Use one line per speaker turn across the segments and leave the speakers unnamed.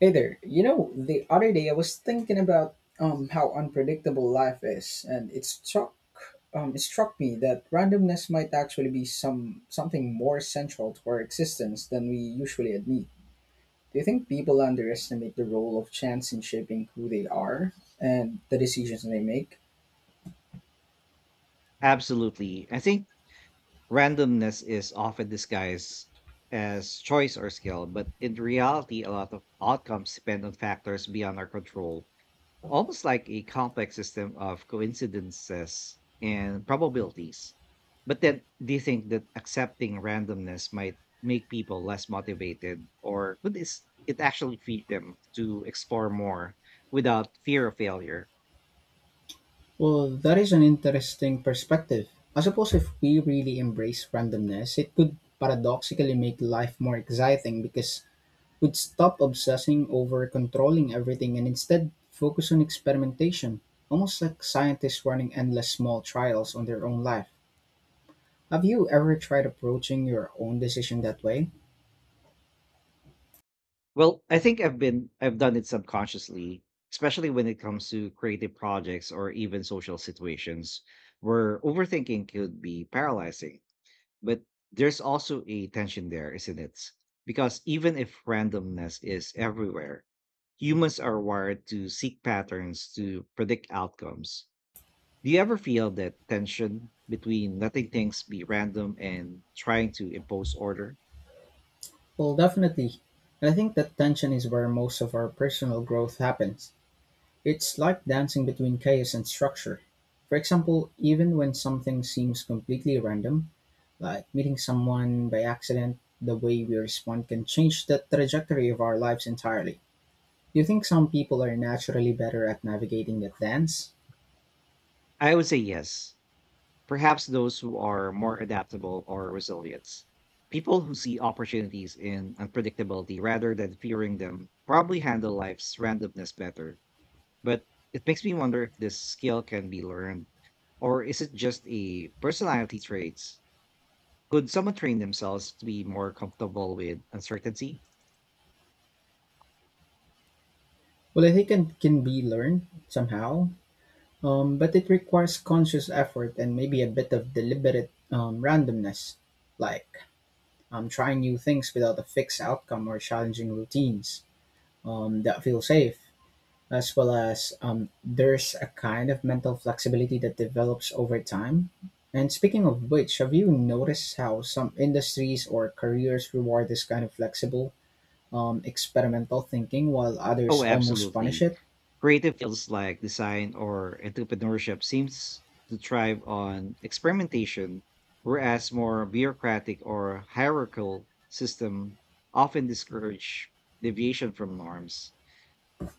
Hey there. The other day I was thinking about how unpredictable life is, and it struck me that randomness might actually be something more central to our existence than we usually admit. Do you think people underestimate the role of chance in shaping who they are and the decisions they make?
Absolutely. I think randomness is often disguised as choice or skill, but in reality, a lot of outcomes depend on factors beyond our control, almost like a complex system of coincidences and probabilities. But then, do you think that accepting randomness might make people less motivated, or could it actually feed them to explore more without fear of failure?
Well, that is an interesting perspective. I suppose if we really embrace randomness, it could paradoxically make life more exciting because would stop obsessing over controlling everything and instead focus on experimentation, almost like scientists running endless small trials on their own life. Have you ever tried approaching your own decision that way?
Well, I think I've done it subconsciously, especially when it comes to creative projects or even social situations where overthinking could be paralyzing. But there's also a tension there, isn't it? Because even if randomness is everywhere, humans are wired to seek patterns to predict outcomes. Do you ever feel that tension between letting things be random and trying to impose order?
Well, definitely. And I think that tension is where most of our personal growth happens. It's like dancing between chaos and structure. For example, even when something seems completely random, like meeting someone by accident, the way we respond can change the trajectory of our lives entirely. Do you think some people are naturally better at navigating that dance?
I would say yes, perhaps those who are more adaptable or resilient. People who see opportunities in unpredictability rather than fearing them probably handle life's randomness better. But it makes me wonder if this skill can be learned, or is it just a personality trait? Could someone train themselves to be more comfortable with uncertainty?
Well, I think it can be learned somehow, but it requires conscious effort and maybe a bit of deliberate randomness, like trying new things without a fixed outcome or challenging routines that feel safe. As well as there's a kind of mental flexibility that develops over time. And speaking of which, have you noticed how some industries or careers reward this kind of flexible experimental thinking while others
Oh,
almost punish
absolutely.
it?
Creative fields like design or entrepreneurship seems to thrive on experimentation, whereas more bureaucratic or hierarchical system often discourage deviation from norms.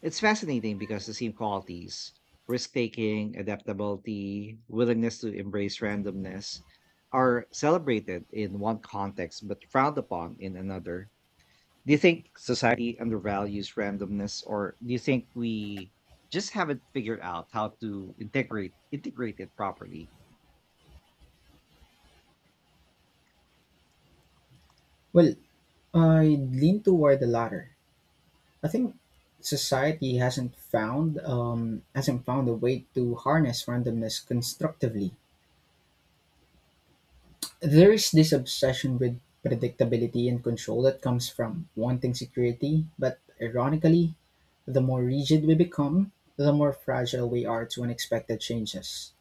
It's fascinating because the same qualities, risk taking, adaptability, willingness to embrace randomness, are celebrated in one context but frowned upon in another. Do you think society undervalues randomness, or do you think we just haven't figured out how to integrate it properly?
Well, I lean toward the latter. I think society hasn't found a way to harness randomness constructively. There is this obsession with predictability and control that comes from wanting security, but ironically, the more rigid we become, the more fragile we are to unexpected changes.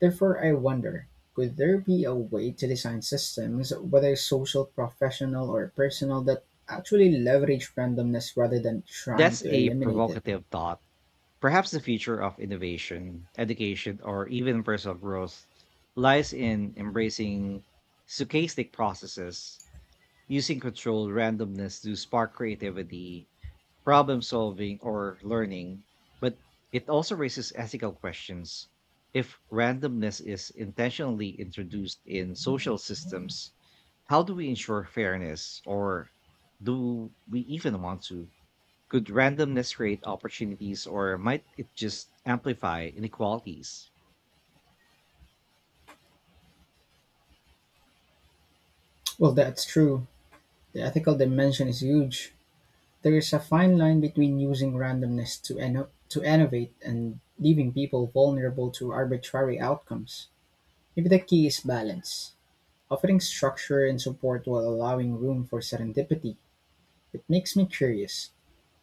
Therefore I wonder, could there be a way to design systems, whether social, professional, or personal, that actually leverage randomness rather than trying
That's
to
a
eliminate it?
provocative thought. Perhaps the future of innovation, education, or even personal growth lies in embracing stochastic processes, using controlled randomness to spark creativity, problem solving or learning, but it also raises ethical questions. If randomness is intentionally introduced in social systems, how do we ensure fairness, or do we even want to? Could randomness create opportunities, or might it just amplify inequalities?
Well, that's true. The ethical dimension is huge. There is a fine line between using randomness to innovate and leaving people vulnerable to arbitrary outcomes. Maybe the key is balance, offering structure and support while allowing room for serendipity. It makes me curious.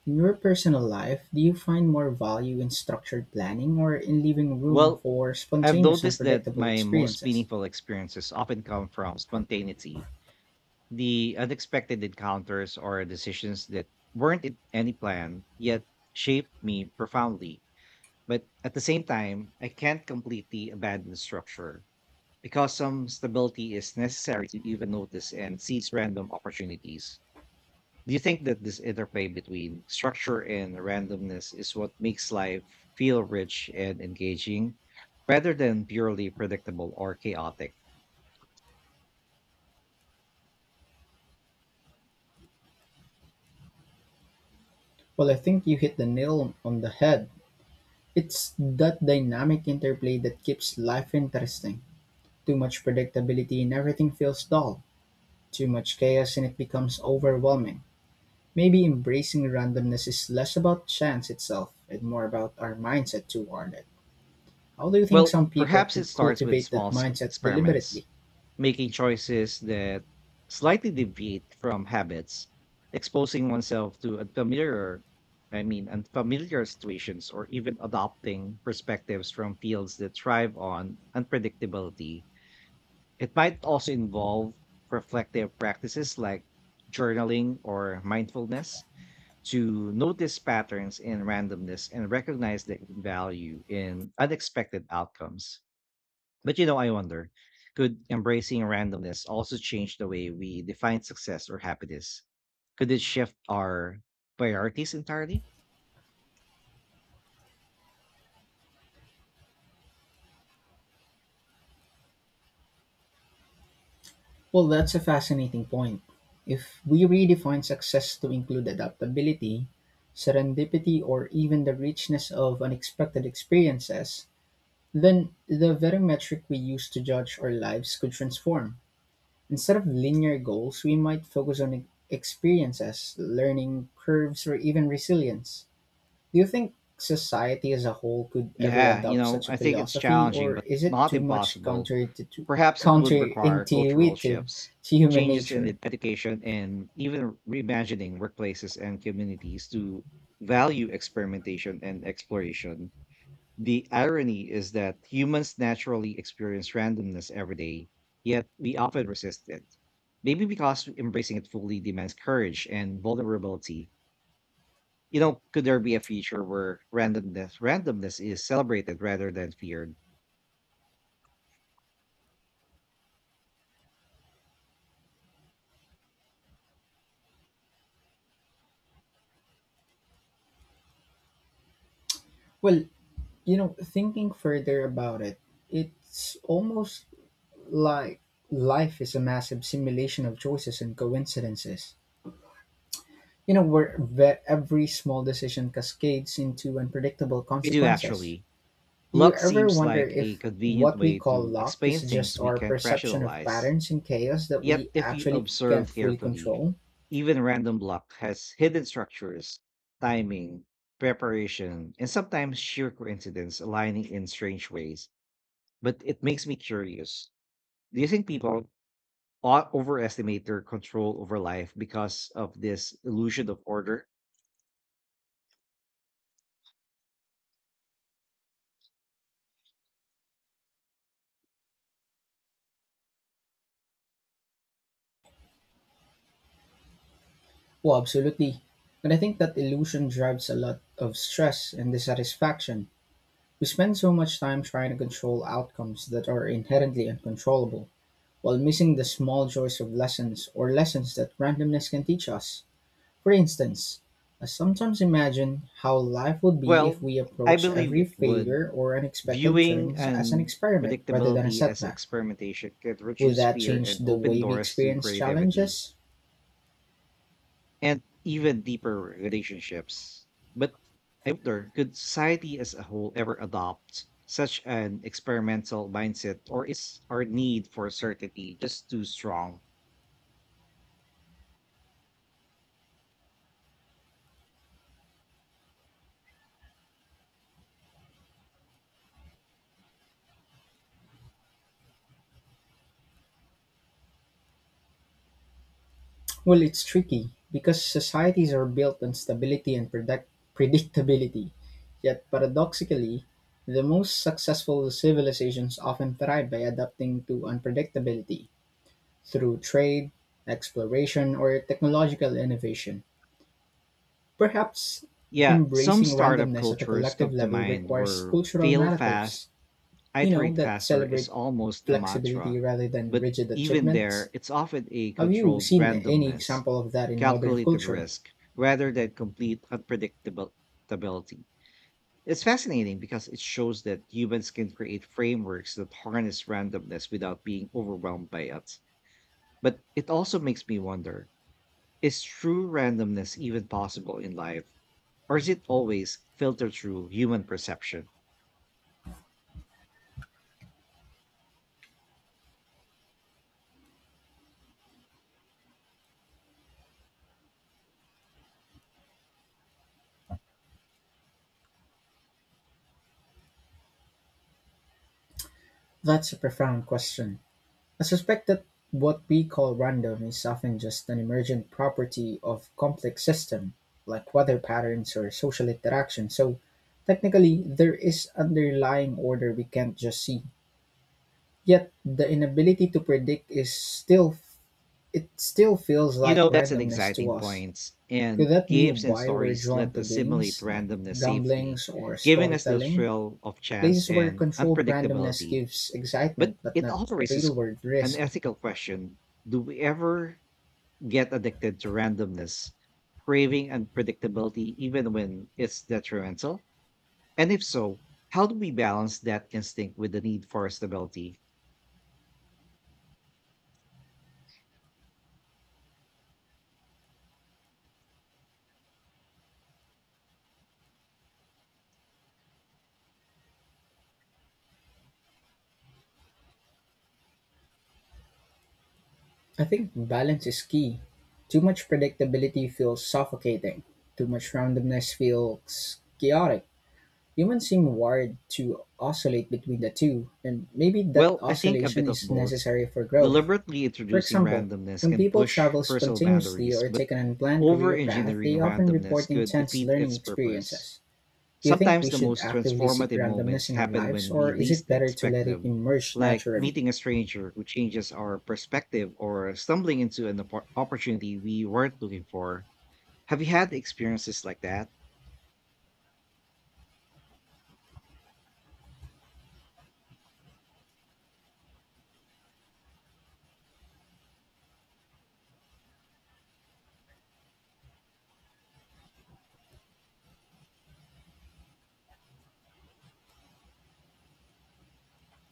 In your personal life, do you find more value in structured planning or in leaving room
Well,
for
I've
spontaneous and
noticed that
unpredictable
my most
experiences?
meaningful experiences often come from spontaneity. The unexpected encounters or decisions that weren't in any plan yet shaped me profoundly. But at the same time, I can't completely abandon structure because some stability is necessary to even notice and seize random opportunities. Do you think that this interplay between structure and randomness is what makes life feel rich and engaging rather than purely predictable or chaotic?
Well, I think you hit the nail on the head. It's that dynamic interplay that keeps life interesting. Too much predictability and everything feels dull. Too much chaos and it becomes overwhelming. Maybe embracing randomness is less about chance itself and more about our mindset toward it. How do you think
Well,
some people
perhaps it
could
starts with
cultivate
small
that mindset
experiments,
deliberately?
making choices that slightly deviate from habits, exposing oneself to unfamiliar, I mean, unfamiliar situations, or even adopting perspectives from fields that thrive on unpredictability. It might also involve reflective practices like journaling or mindfulness to notice patterns in randomness and recognize the value in unexpected outcomes. But you know, I wonder, could embracing randomness also change the way we define success or happiness? Could it shift our priorities entirely?
Well, that's a fascinating point. If we redefine success to include adaptability, serendipity, or even the richness of unexpected experiences, then the very metric we use to judge our lives could transform. Instead of linear goals, we might focus on experiences, learning curves, or even resilience. Do you think society as a whole could ever
Yeah, you
adopt
know,
such a
I think it's
philosophy,
challenging,
or
but
is it
not
too much
impossible. Perhaps it would require cultural
counterintuitive
shifts,
to human
changes in
nature?
education, and even reimagining workplaces and communities to value experimentation and exploration. The irony is that humans naturally experience randomness every day, yet we often resist it. Maybe because embracing it fully demands courage and vulnerability. You know, could there be a future where randomness is celebrated rather than feared?
Well, you know, thinking further about it, it's almost like life is a massive simulation of choices and coincidences. Where every small decision cascades into unpredictable
We do
consequences.
actually.
Do you
Luck
ever
seems
wonder
like a
if
convenient
what we
way
call
to
luck is
explain
just
things we
our
can't
perception of
rationalize.
patterns in chaos that
Yet,
we
if you
actually can't
observe
fully
carefully,
control?
even random luck has hidden structures, timing, preparation, and sometimes sheer coincidence aligning in strange ways. But it makes me curious. Do you think people overestimate their control over life because of this illusion of order?
Oh, absolutely. And I think that illusion drives a lot of stress and dissatisfaction. We spend so much time trying to control outcomes that are inherently uncontrollable, while missing the small joys of lessons or lessons that randomness can teach us. For instance, I sometimes imagine how life would be if
Well,
we
I
approach
believe
every
it would.
failure or unexpected
Viewing
turns as an
and
experiment rather than a
predictability as
setback.
experimentation could
Would
reduce
that
fear
change
and
the
open
way we
doors to
experience
creativity
challenges?
and even deeper relationships. But I wonder, could society as a whole ever adopt such an experimental mindset, or is our need for certainty just too strong?
Well, it's tricky because societies are built on stability and predictability. Yet, paradoxically, the most successful civilizations often thrive by adapting to unpredictability through trade, exploration, or technological innovation. Perhaps
Yeah, some
embracing
startup
randomness at a
cultures
collective
come to
level
mind
requires
where
cultural
fail fast,
narratives,
iterate
that
faster is
celebrate
almost a
flexibility
mantra.
rather than
But
rigid
even
achievements.
there, it's often a
Have you
controlled
seen any
randomness,
example of that in modern
calculated
culture?
risk, rather than complete unpredictability. It's fascinating because it shows that humans can create frameworks that harness randomness without being overwhelmed by it. But it also makes me wonder, is true randomness even possible in life, or is it always filtered through human perception?
That's a profound question. I suspect that what we call random is often just an emergent property of complex system, like weather patterns or social interaction. So technically there is underlying order we can't just see. Yet the inability to predict is still, it still feels
You
like
know, that's an
randomness to
exciting
us.
point.
Could
And
that be
games and
why we're
stories
drawn
let
to
us simulate
games like
randomness safely,
gamblings or
giving us the
storytelling?
thrill of chance
Places where
and
controlled randomness
unpredictability.
gives
But
excitement but
it
not
also raises
real world
an
risk.
ethical question, do we ever get addicted to randomness, craving unpredictability even when it's detrimental? And if so, how do we balance that instinct with the need for stability?
I think balance is key. Too much predictability feels suffocating. Too much randomness feels chaotic. Humans seem wired to oscillate between the two, and maybe that
Well, I think a
oscillation
bit of
is
both.
necessary for growth.
Deliberately
For
introducing
example,
randomness
when
can
people
push
travel
personal
spontaneously
boundaries,
or
but
take an unplanned
over
career path,
engineering
they often report
randomness could
intense
defeat
learning
its purpose.
experiences. Do you think we
Sometimes the
should
most
actively seek
transformative
randomness
moments
in our
happen
lives,
when
or
we
is it
least
better to
expect
let it
them,
emerge
like
naturally?
meeting a stranger who changes our perspective or stumbling into an opportunity we weren't looking for. Have you had experiences like that?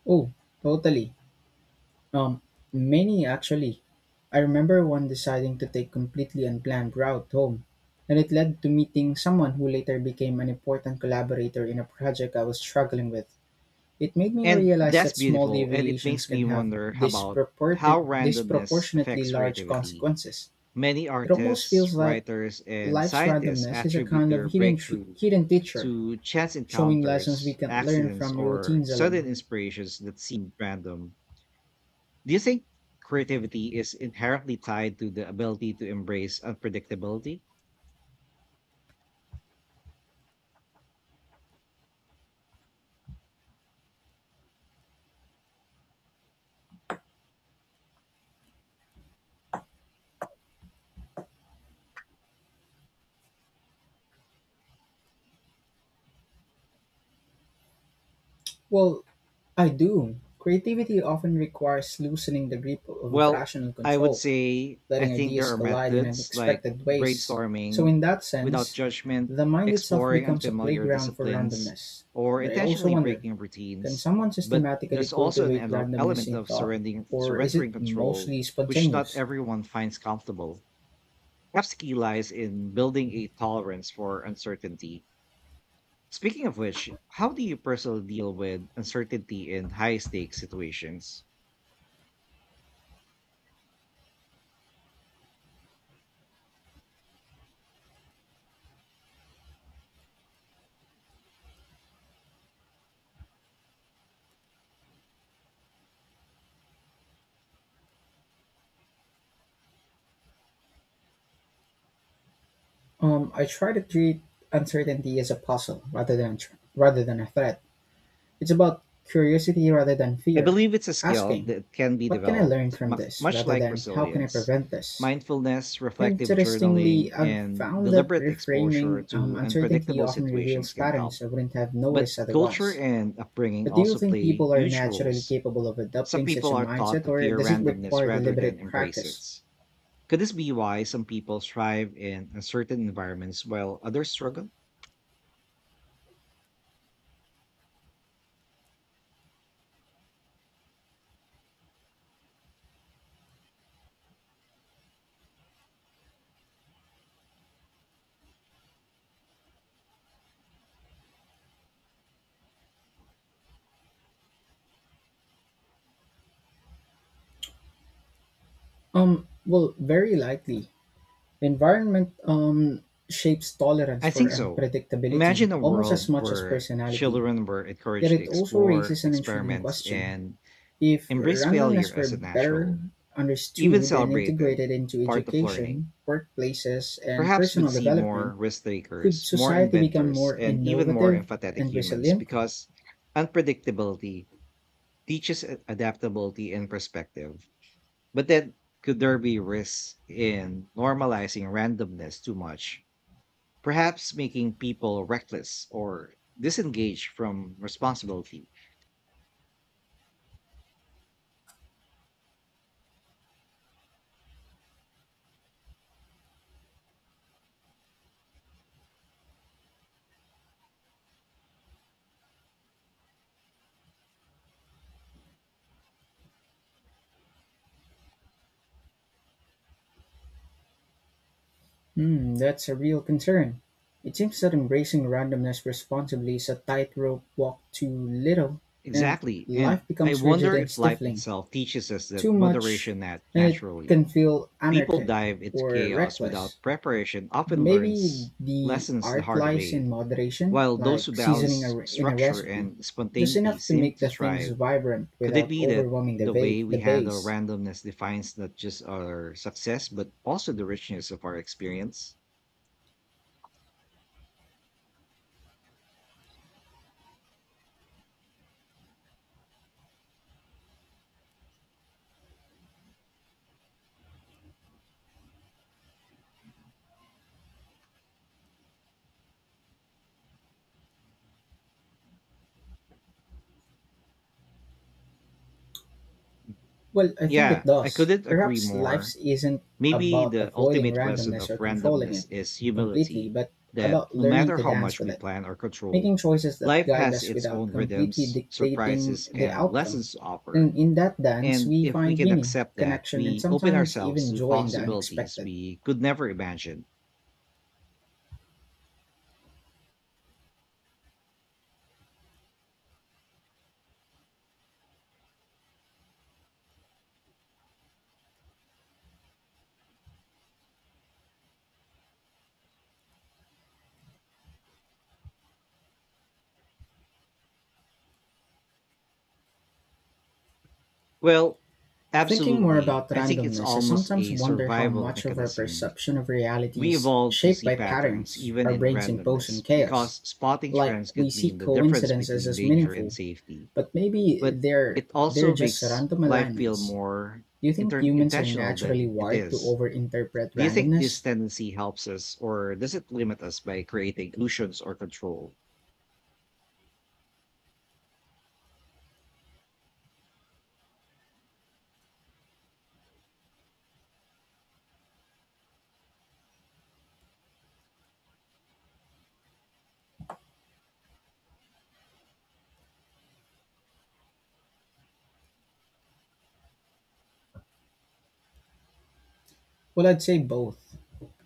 Oh, totally. Um, many actually. I remember one deciding to take completely unplanned route home, and it led to meeting someone who later became an important collaborator in a project I was struggling with. It made me
And
realize
that's
that small
beautiful. And it
deviations
makes
can
me
have
wonder about how randomness
disproportionately
affects
large
creativity.
consequences.
Many
It almost
artists,
feels like
writers, and
life's
scientists
randomness is a
attribute
kind of
their breakthrough
hidden teacher,
to chance
showing lessons we
encounters,
can learn
accidents,
from
or
routines alone.
sudden inspirations that seem random. Do you think creativity is inherently tied to the ability to embrace unpredictability?
Well, I do. Creativity often requires loosening the grip of
Well,
rational
I would
control,
say I
letting
think
ideas
there are
collide in
methods like
unexpected ways. So,
brainstorming
in that
without
sense,
judgment,
the mind itself
exploring
becomes a
unfamiliar
playground for
disciplines,
randomness.
or
But I also
intentionally
wonder,
breaking
can
routines.
someone
But
systematically
there's also an
cultivate randomness
element
in
of
thought,
surrendering,
or is it
surrendering control,
mostly
which not
spontaneous?
everyone finds comfortable. Perhaps the key lies in building a tolerance for uncertainty. Speaking of which, how do you personally deal with uncertainty in high stakes situations?
I try to treat uncertainty as a puzzle rather than a threat. It's about curiosity rather than
I
fear.
believe it's a skill
Asking,
that can be
what can I learn
developed,
from this
much
rather
like
than how can I
resilience,
prevent this?
mindfulness, reflective
Interestingly,
journaling,
I've
and
found that
deliberate exposure
reframing
to
uncertainty
unpredictable
often reveals
situations can help.
patterns I wouldn't have
But
noticed
culture
otherwise.
and upbringing
But do you
also
think
play
people are
huge
naturally
roles.
capable of
Some
adopting such
people
a
are taught
mindset,
to
or
fear
does it
randomness
require
rather than
deliberate
embrace it.
practice?
Could this be why some people thrive in uncertain environments while others struggle?
Well, very likely. The environment shapes tolerance
I
for
think so.
unpredictability
Imagine a
almost as
world
much as
where
personality.
children were
Yet
encouraged to
it also
explore,
raises an intriguing
experiment,
question.
and
If
embrace failure
randomness were
as a
better
natural, even
understood and
celebrated,
integrated into
part of learning.
education, workplaces, and
Perhaps we'd
personal
see more
development,
risk
could
takers, more
society become
inventors,
more
and even more
innovative
empathetic
and
humans
resilient?
because unpredictability teaches adaptability and perspective. But then, could there be risks in normalizing randomness too much? Perhaps making people reckless or disengaged from responsibility.
Hmm, that's a real concern. It seems that embracing randomness responsibly is a tightrope walk too little, and
Exactly.
life
And I
becomes rigid
wonder
and
if life
stifling.
itself teaches us
Too
that
much,
moderation that
and it
naturally.
can feel
People
anarchic
dive into
or
chaos
reckless.
without preparation often
Maybe
learns
the
lessons the
art
hard
lies in
way,
moderation,
while those who
like seasoning
balance
in a
structure
recipe,
and
just
spontaneity
enough to
seem
make
to
the things
thrive.
vibrant
Could it
without
be that
overwhelming
the way we
the
handle
base.
randomness defines not just our success, but also the richness of our experience?
Well, I think it
Yeah, I
does.
couldn't agree
Perhaps
more.
life isn't
Maybe
about
the
avoiding
ultimate lesson
randomness
of
or controlling it
randomness is
completely,
humility,
but
that
about
no
learning
matter
to
how
dance
much
with
we
it,
plan or control,
making choices that
life
guide
has
us
its
without
own
completely
rhythms,
dictating
surprises,
the
and
outcome.
lessons to offer.
And in that dance,
And
we
if we
find
can
meaning,
accept that,
connection, and
we open
sometimes
ourselves
even
to
joy in the
possibilities
unexpected.
we could never imagine. Well,
Thinking more
absolutely.
about
I think it's
randomness, I
almost
sometimes
a
wonder how
survival
much of our
mechanism.
perception of reality
We
is
evolved to
shaped
see
by
patterns
patterns
even
our
in
brains impose on
randomness
chaos.
because spotting
Like,
trends
we
could
see
mean the difference
coincidences
between
as
danger and
meaningful,
safety.
but maybe
But
they're
it
they're
also
just
makes
random
life feel
alignments.
more
Do you think humans are
intentional
naturally
than it
wired to
is.
overinterpret
Do you think this
randomness?
tendency helps us, or does it limit us by creating illusions or control?
Well, I'd say both.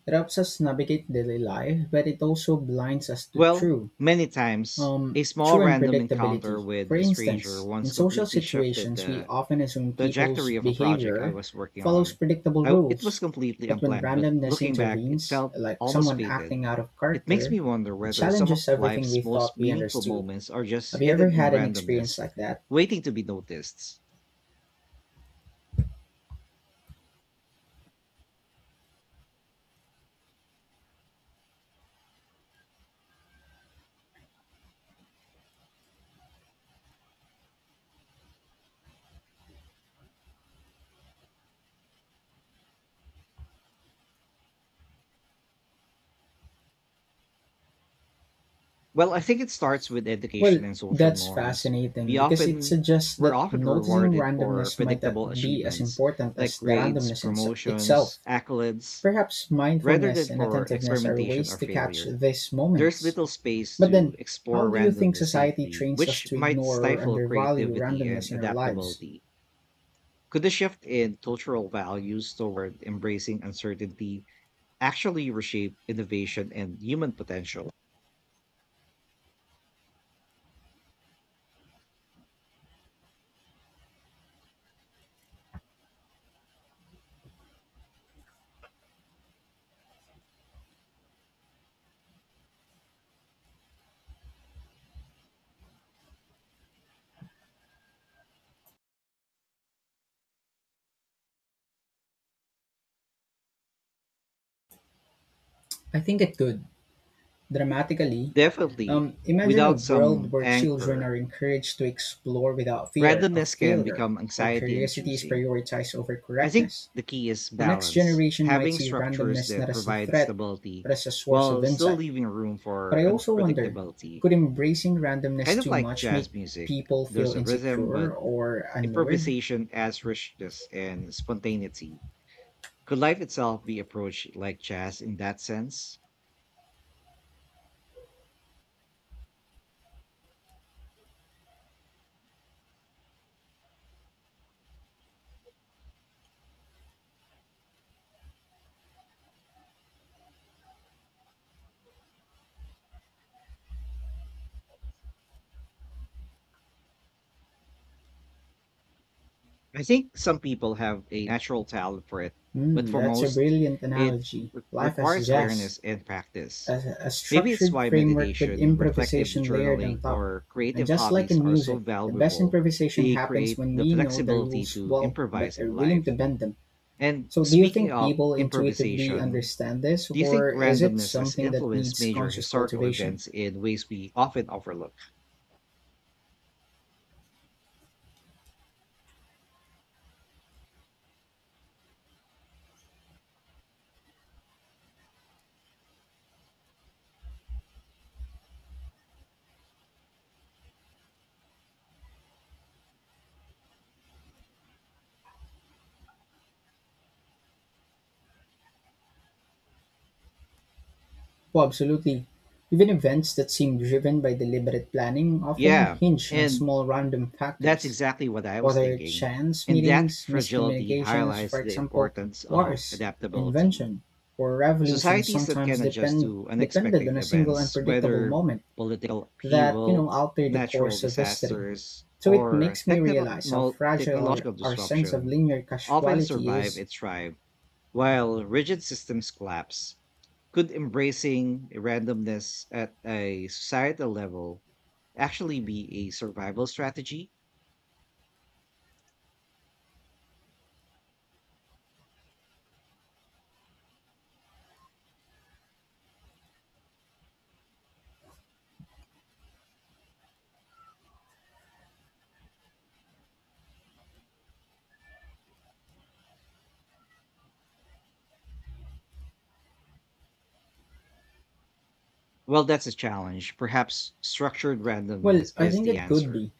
It helps us navigate daily life, but it also blinds us to
Well, many times, a small
true
random encounter
unpredictability.
with
For
a stranger
instance,
once
in social
completely shifted
situations, we often assume
the
people's
trajectory of a project I
behavior
was working
follows
on.
predictable
I w It was
rules.
completely
But when
unplanned, but
randomness
looking back, it
intervenes,
felt
like
almost
someone
fated.
acting out of
It makes
character,
me wonder
it
whether some
challenges
of
everything we
life's
thought
most
we
meaningful
understood.
moments are just
Have you ever
hidden in
had an experience
randomness,
like that?
waiting to be noticed. Well, I think it starts with education
Well,
and social
that's
norms.
fascinating
We
because it
often
suggests
we're
that
often
noticing
rewarded for
randomness might
predictable
not be as
achievements
important
like
as the
grades,
randomness itself.
promotions, accolades,
Perhaps
rather than
mindfulness and
for
attentiveness are
experimentation
ways
or
to catch
failure.
these
There's
moments.
little space
But
to
then, how
explore
do you think
randomness
society
safely,
trains us
which
to
might
ignore or
stifle
undervalue
creativity and
randomness in our lives?
adaptability. Could the shift in cultural values toward embracing uncertainty actually reshape innovation and human potential?
I think it could, dramatically.
Definitely.
Imagine a
Without
world
some
where children
anchor,
are encouraged to explore without fear of
randomness can
failure,
become
where
anxiety and
curiosity is
choosing.
prioritized over
I think
correctness.
the key is
The next
balance,
generation might
having
see
structures
randomness not
that
as a
provide
threat,
stability
but as a source of
while still
insight.
leaving room
But
for
I also wonder,
unpredictability.
could embracing randomness
Kind of
too
like
much make
jazz music,
people feel
there's a rhythm,
insecure
but
or unmoored?
improvisation adds richness and spontaneity. Could life itself be approached like jazz in that sense? I think some people have a natural talent for it, but
Hmm,
for
that's a
most,
brilliant
it
analogy. Life as
requires
jazz.
awareness and
a
practice.
a
Maybe it's
structured
why
framework with
meditation, reflective
improvisation layered on
journaling,
top.
or
And
creative
just like
hobbies
in
are so
music, the best
valuable.
improvisation
They
happens
create
when
the
we know the
flexibility
rules
to
well but
improvise in
are willing to
life.
bend them.
And
So, do you
speaking
think
of
people intuitively
improvisation,
understand this,
do you think
or is it
randomness has
something that
influenced
needs
major
conscious
historical
cultivation?
events in ways we often overlook?
Oh, absolutely. Even events that seem driven by deliberate planning often
Yeah,
hinge on
and
small random
that's
factors.
exactly what I was
Whether it's
thinking.
chance
And that
meetings,
fragility
miscommunications, for
highlights the
example,
importance of
wars,
adaptability.
invention, or revolutions
Societies that can
sometimes
adjust to
depended on
unexpected
a single
events,
unpredictable
whether
moment
political
that, you
upheaval,
know, altered the
natural
course of history.
disasters,
So it
or
makes me realize how fragile our,
technological
our sense of
disruption,
linear
often
causality
survive
is.
and thrive. While rigid systems collapse, could embracing randomness at a societal level actually be a survival strategy? Well, that's a challenge. Perhaps structured
Well,
randomness
I
is
think
the
it could
answer.
be.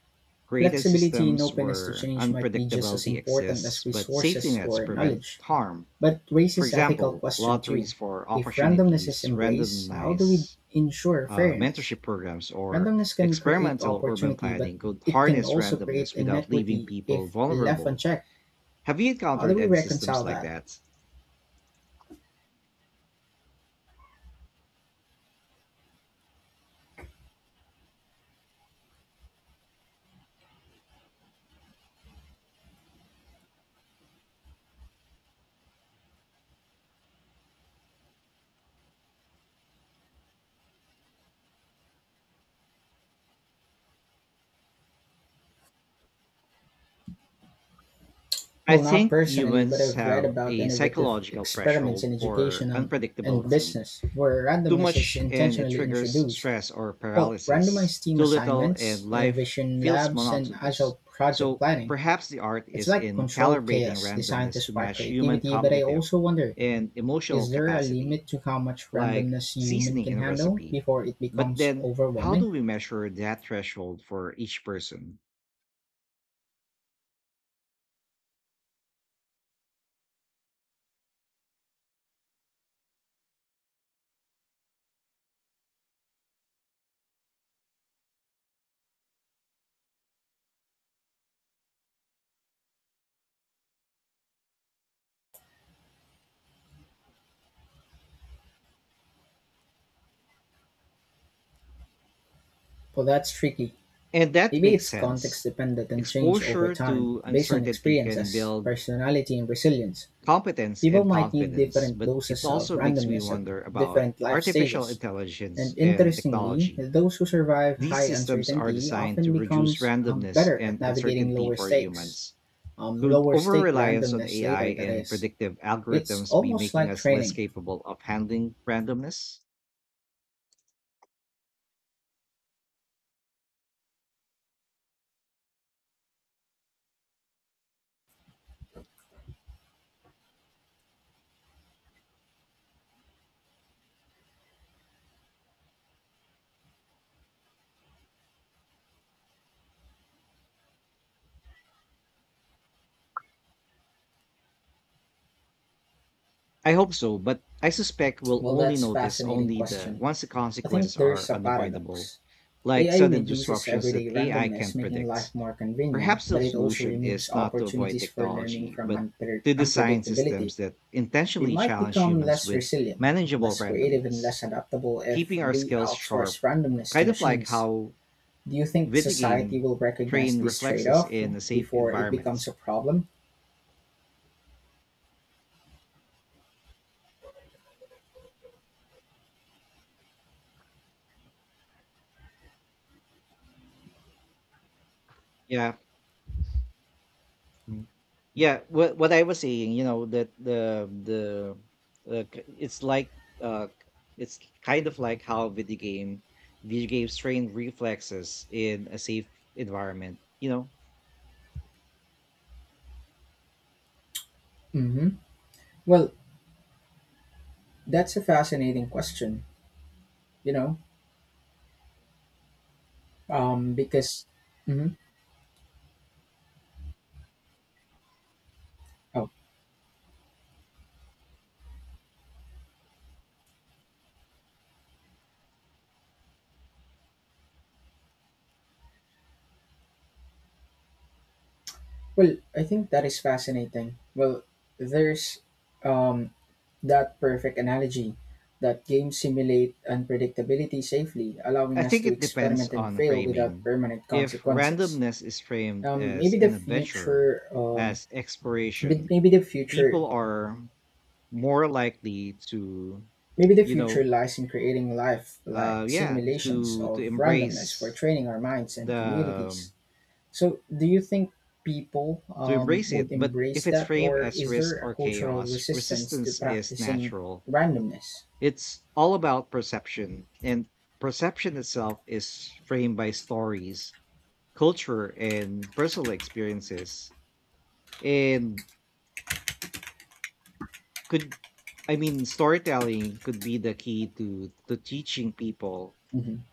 Created
Flexibility and
systems
openness to
where
change might be just as
unpredictability
important
exists,
as
but safety
resources
nets
or
prevent
knowledge.
harm.
But
For
raises ethical
example,
question
lotteries
too.
for
If randomness is
opportunities,
embraced, how do we
randomness
ensure fairness?
mentorship programs or
Randomness can create
experimental urban
opportunity, but
planning could
it can
harness
also create
randomness without leaving
inequity
people
if left
vulnerable.
unchecked.
Have you
How do
encountered
we
any
reconcile
systems like
that?
that? I
Well, not
think
personally, but
humans
I've read
have
about
a
innovative
psychological
experiments
threshold
in
for
education and
unpredictability.
business where
Too
randomness is
much and it
intentionally
triggers
introduced.
stress or
Well,
paralysis.
randomized team
Too little and
assignments,
life
innovation
feels
labs, and
monotonous.
agile project
So
planning.
perhaps the art
It's
is
like
in
controlled
calibrating
chaos designed to
randomness to
spark
match human
creativity, but I
cognitive
also wonder,
and emotional
is there a limit
capacity,
to how much
like
randomness human
seasoning
can
in a
handle
recipe.
before it
But
becomes
then, how
overwhelming?
do we measure that threshold for each person?
Well, that's tricky.
And that
Maybe
makes
it's context
sense.
dependent and change over
Exposure
time,
to
based on
uncertainty can
experiences,
build
personality, and resilience.
competence
People
and
might need
confidence,
different
but it
doses of
also makes me
randomness at
wonder about
different life
artificial
stages.
intelligence
And
and
interestingly,
technology.
those who survive
These
high
systems are
uncertainty
designed
often
to reduce
becomes
randomness
better at
and
navigating
uncertainty
lower
for
stakes.
humans.
um,
Could
lower
over
stake
reliance on
randomness
AI
later that
and
is,
predictive
it's
algorithms be
almost
making
like
us less
training.
capable of handling randomness? I hope so, but I suspect we'll
Well,
only
that's
notice
fascinating
only the
question.
once the
I think
consequences
there's
are
a
unavoidable,
paradox.
like
AI
sudden
reduces
disruptions that
everyday
AI
randomness,
can't
making life
predict.
more convenient,
Perhaps the
but it also
solution is
removes
not to avoid
opportunities for learning
technology,
from
but to design
unpredictability.
systems that
We
intentionally
might
challenge
become
humans
less
with
resilient,
manageable
less creative, and
randomness,
less adaptable if
keeping our
we
skills
outsource
sharp,
randomness to
kind of like
machines.
how
Do you think
video
society
game
will recognize
train
this trade
reflexes
off
in a safe
before it
environments.
becomes a problem?
Yeah. Mm. Yeah, what I was saying, you know, that the k- it's like k- it's kind of like how video games train reflexes in a safe environment, you know.
hmm well, that's a fascinating question, you know, because, mhm. oh, well, I think that is fascinating. Well, there's um, that perfect analogy that games simulate unpredictability safely, allowing
I
us
think
to
it depends
experiment and
on
fail without
framing.
permanent
If
consequences.
randomness is framed
Um,
as
maybe the
an adventure,
future, um,
as
but
exploration, people are more likely to,
maybe the
you
future
know,
lies in creating life
uh,
like
yeah,
simulations
to
of randomness for
embrace
training our minds and
the
communities. So, do you think people
to embrace it.
would
But if
embrace
it's
that,
framed
or
as
is there
risk
a
or
cultural
chaos,
resistance to
resistance is
practicing
natural.
randomness?
It's all about perception, and perception itself is framed by stories, culture, and personal experiences. And could, I mean, storytelling could be the key to teaching people
hmm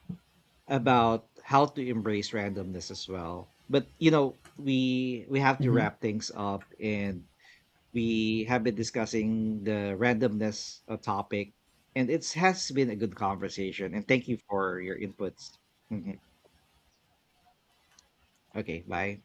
about how to embrace randomness as well. But you know, we have to
hmm
wrap things up and we have been discussing the randomness topic, and it has been a good conversation. And thank you for your inputs. Mhm. Okay, bye.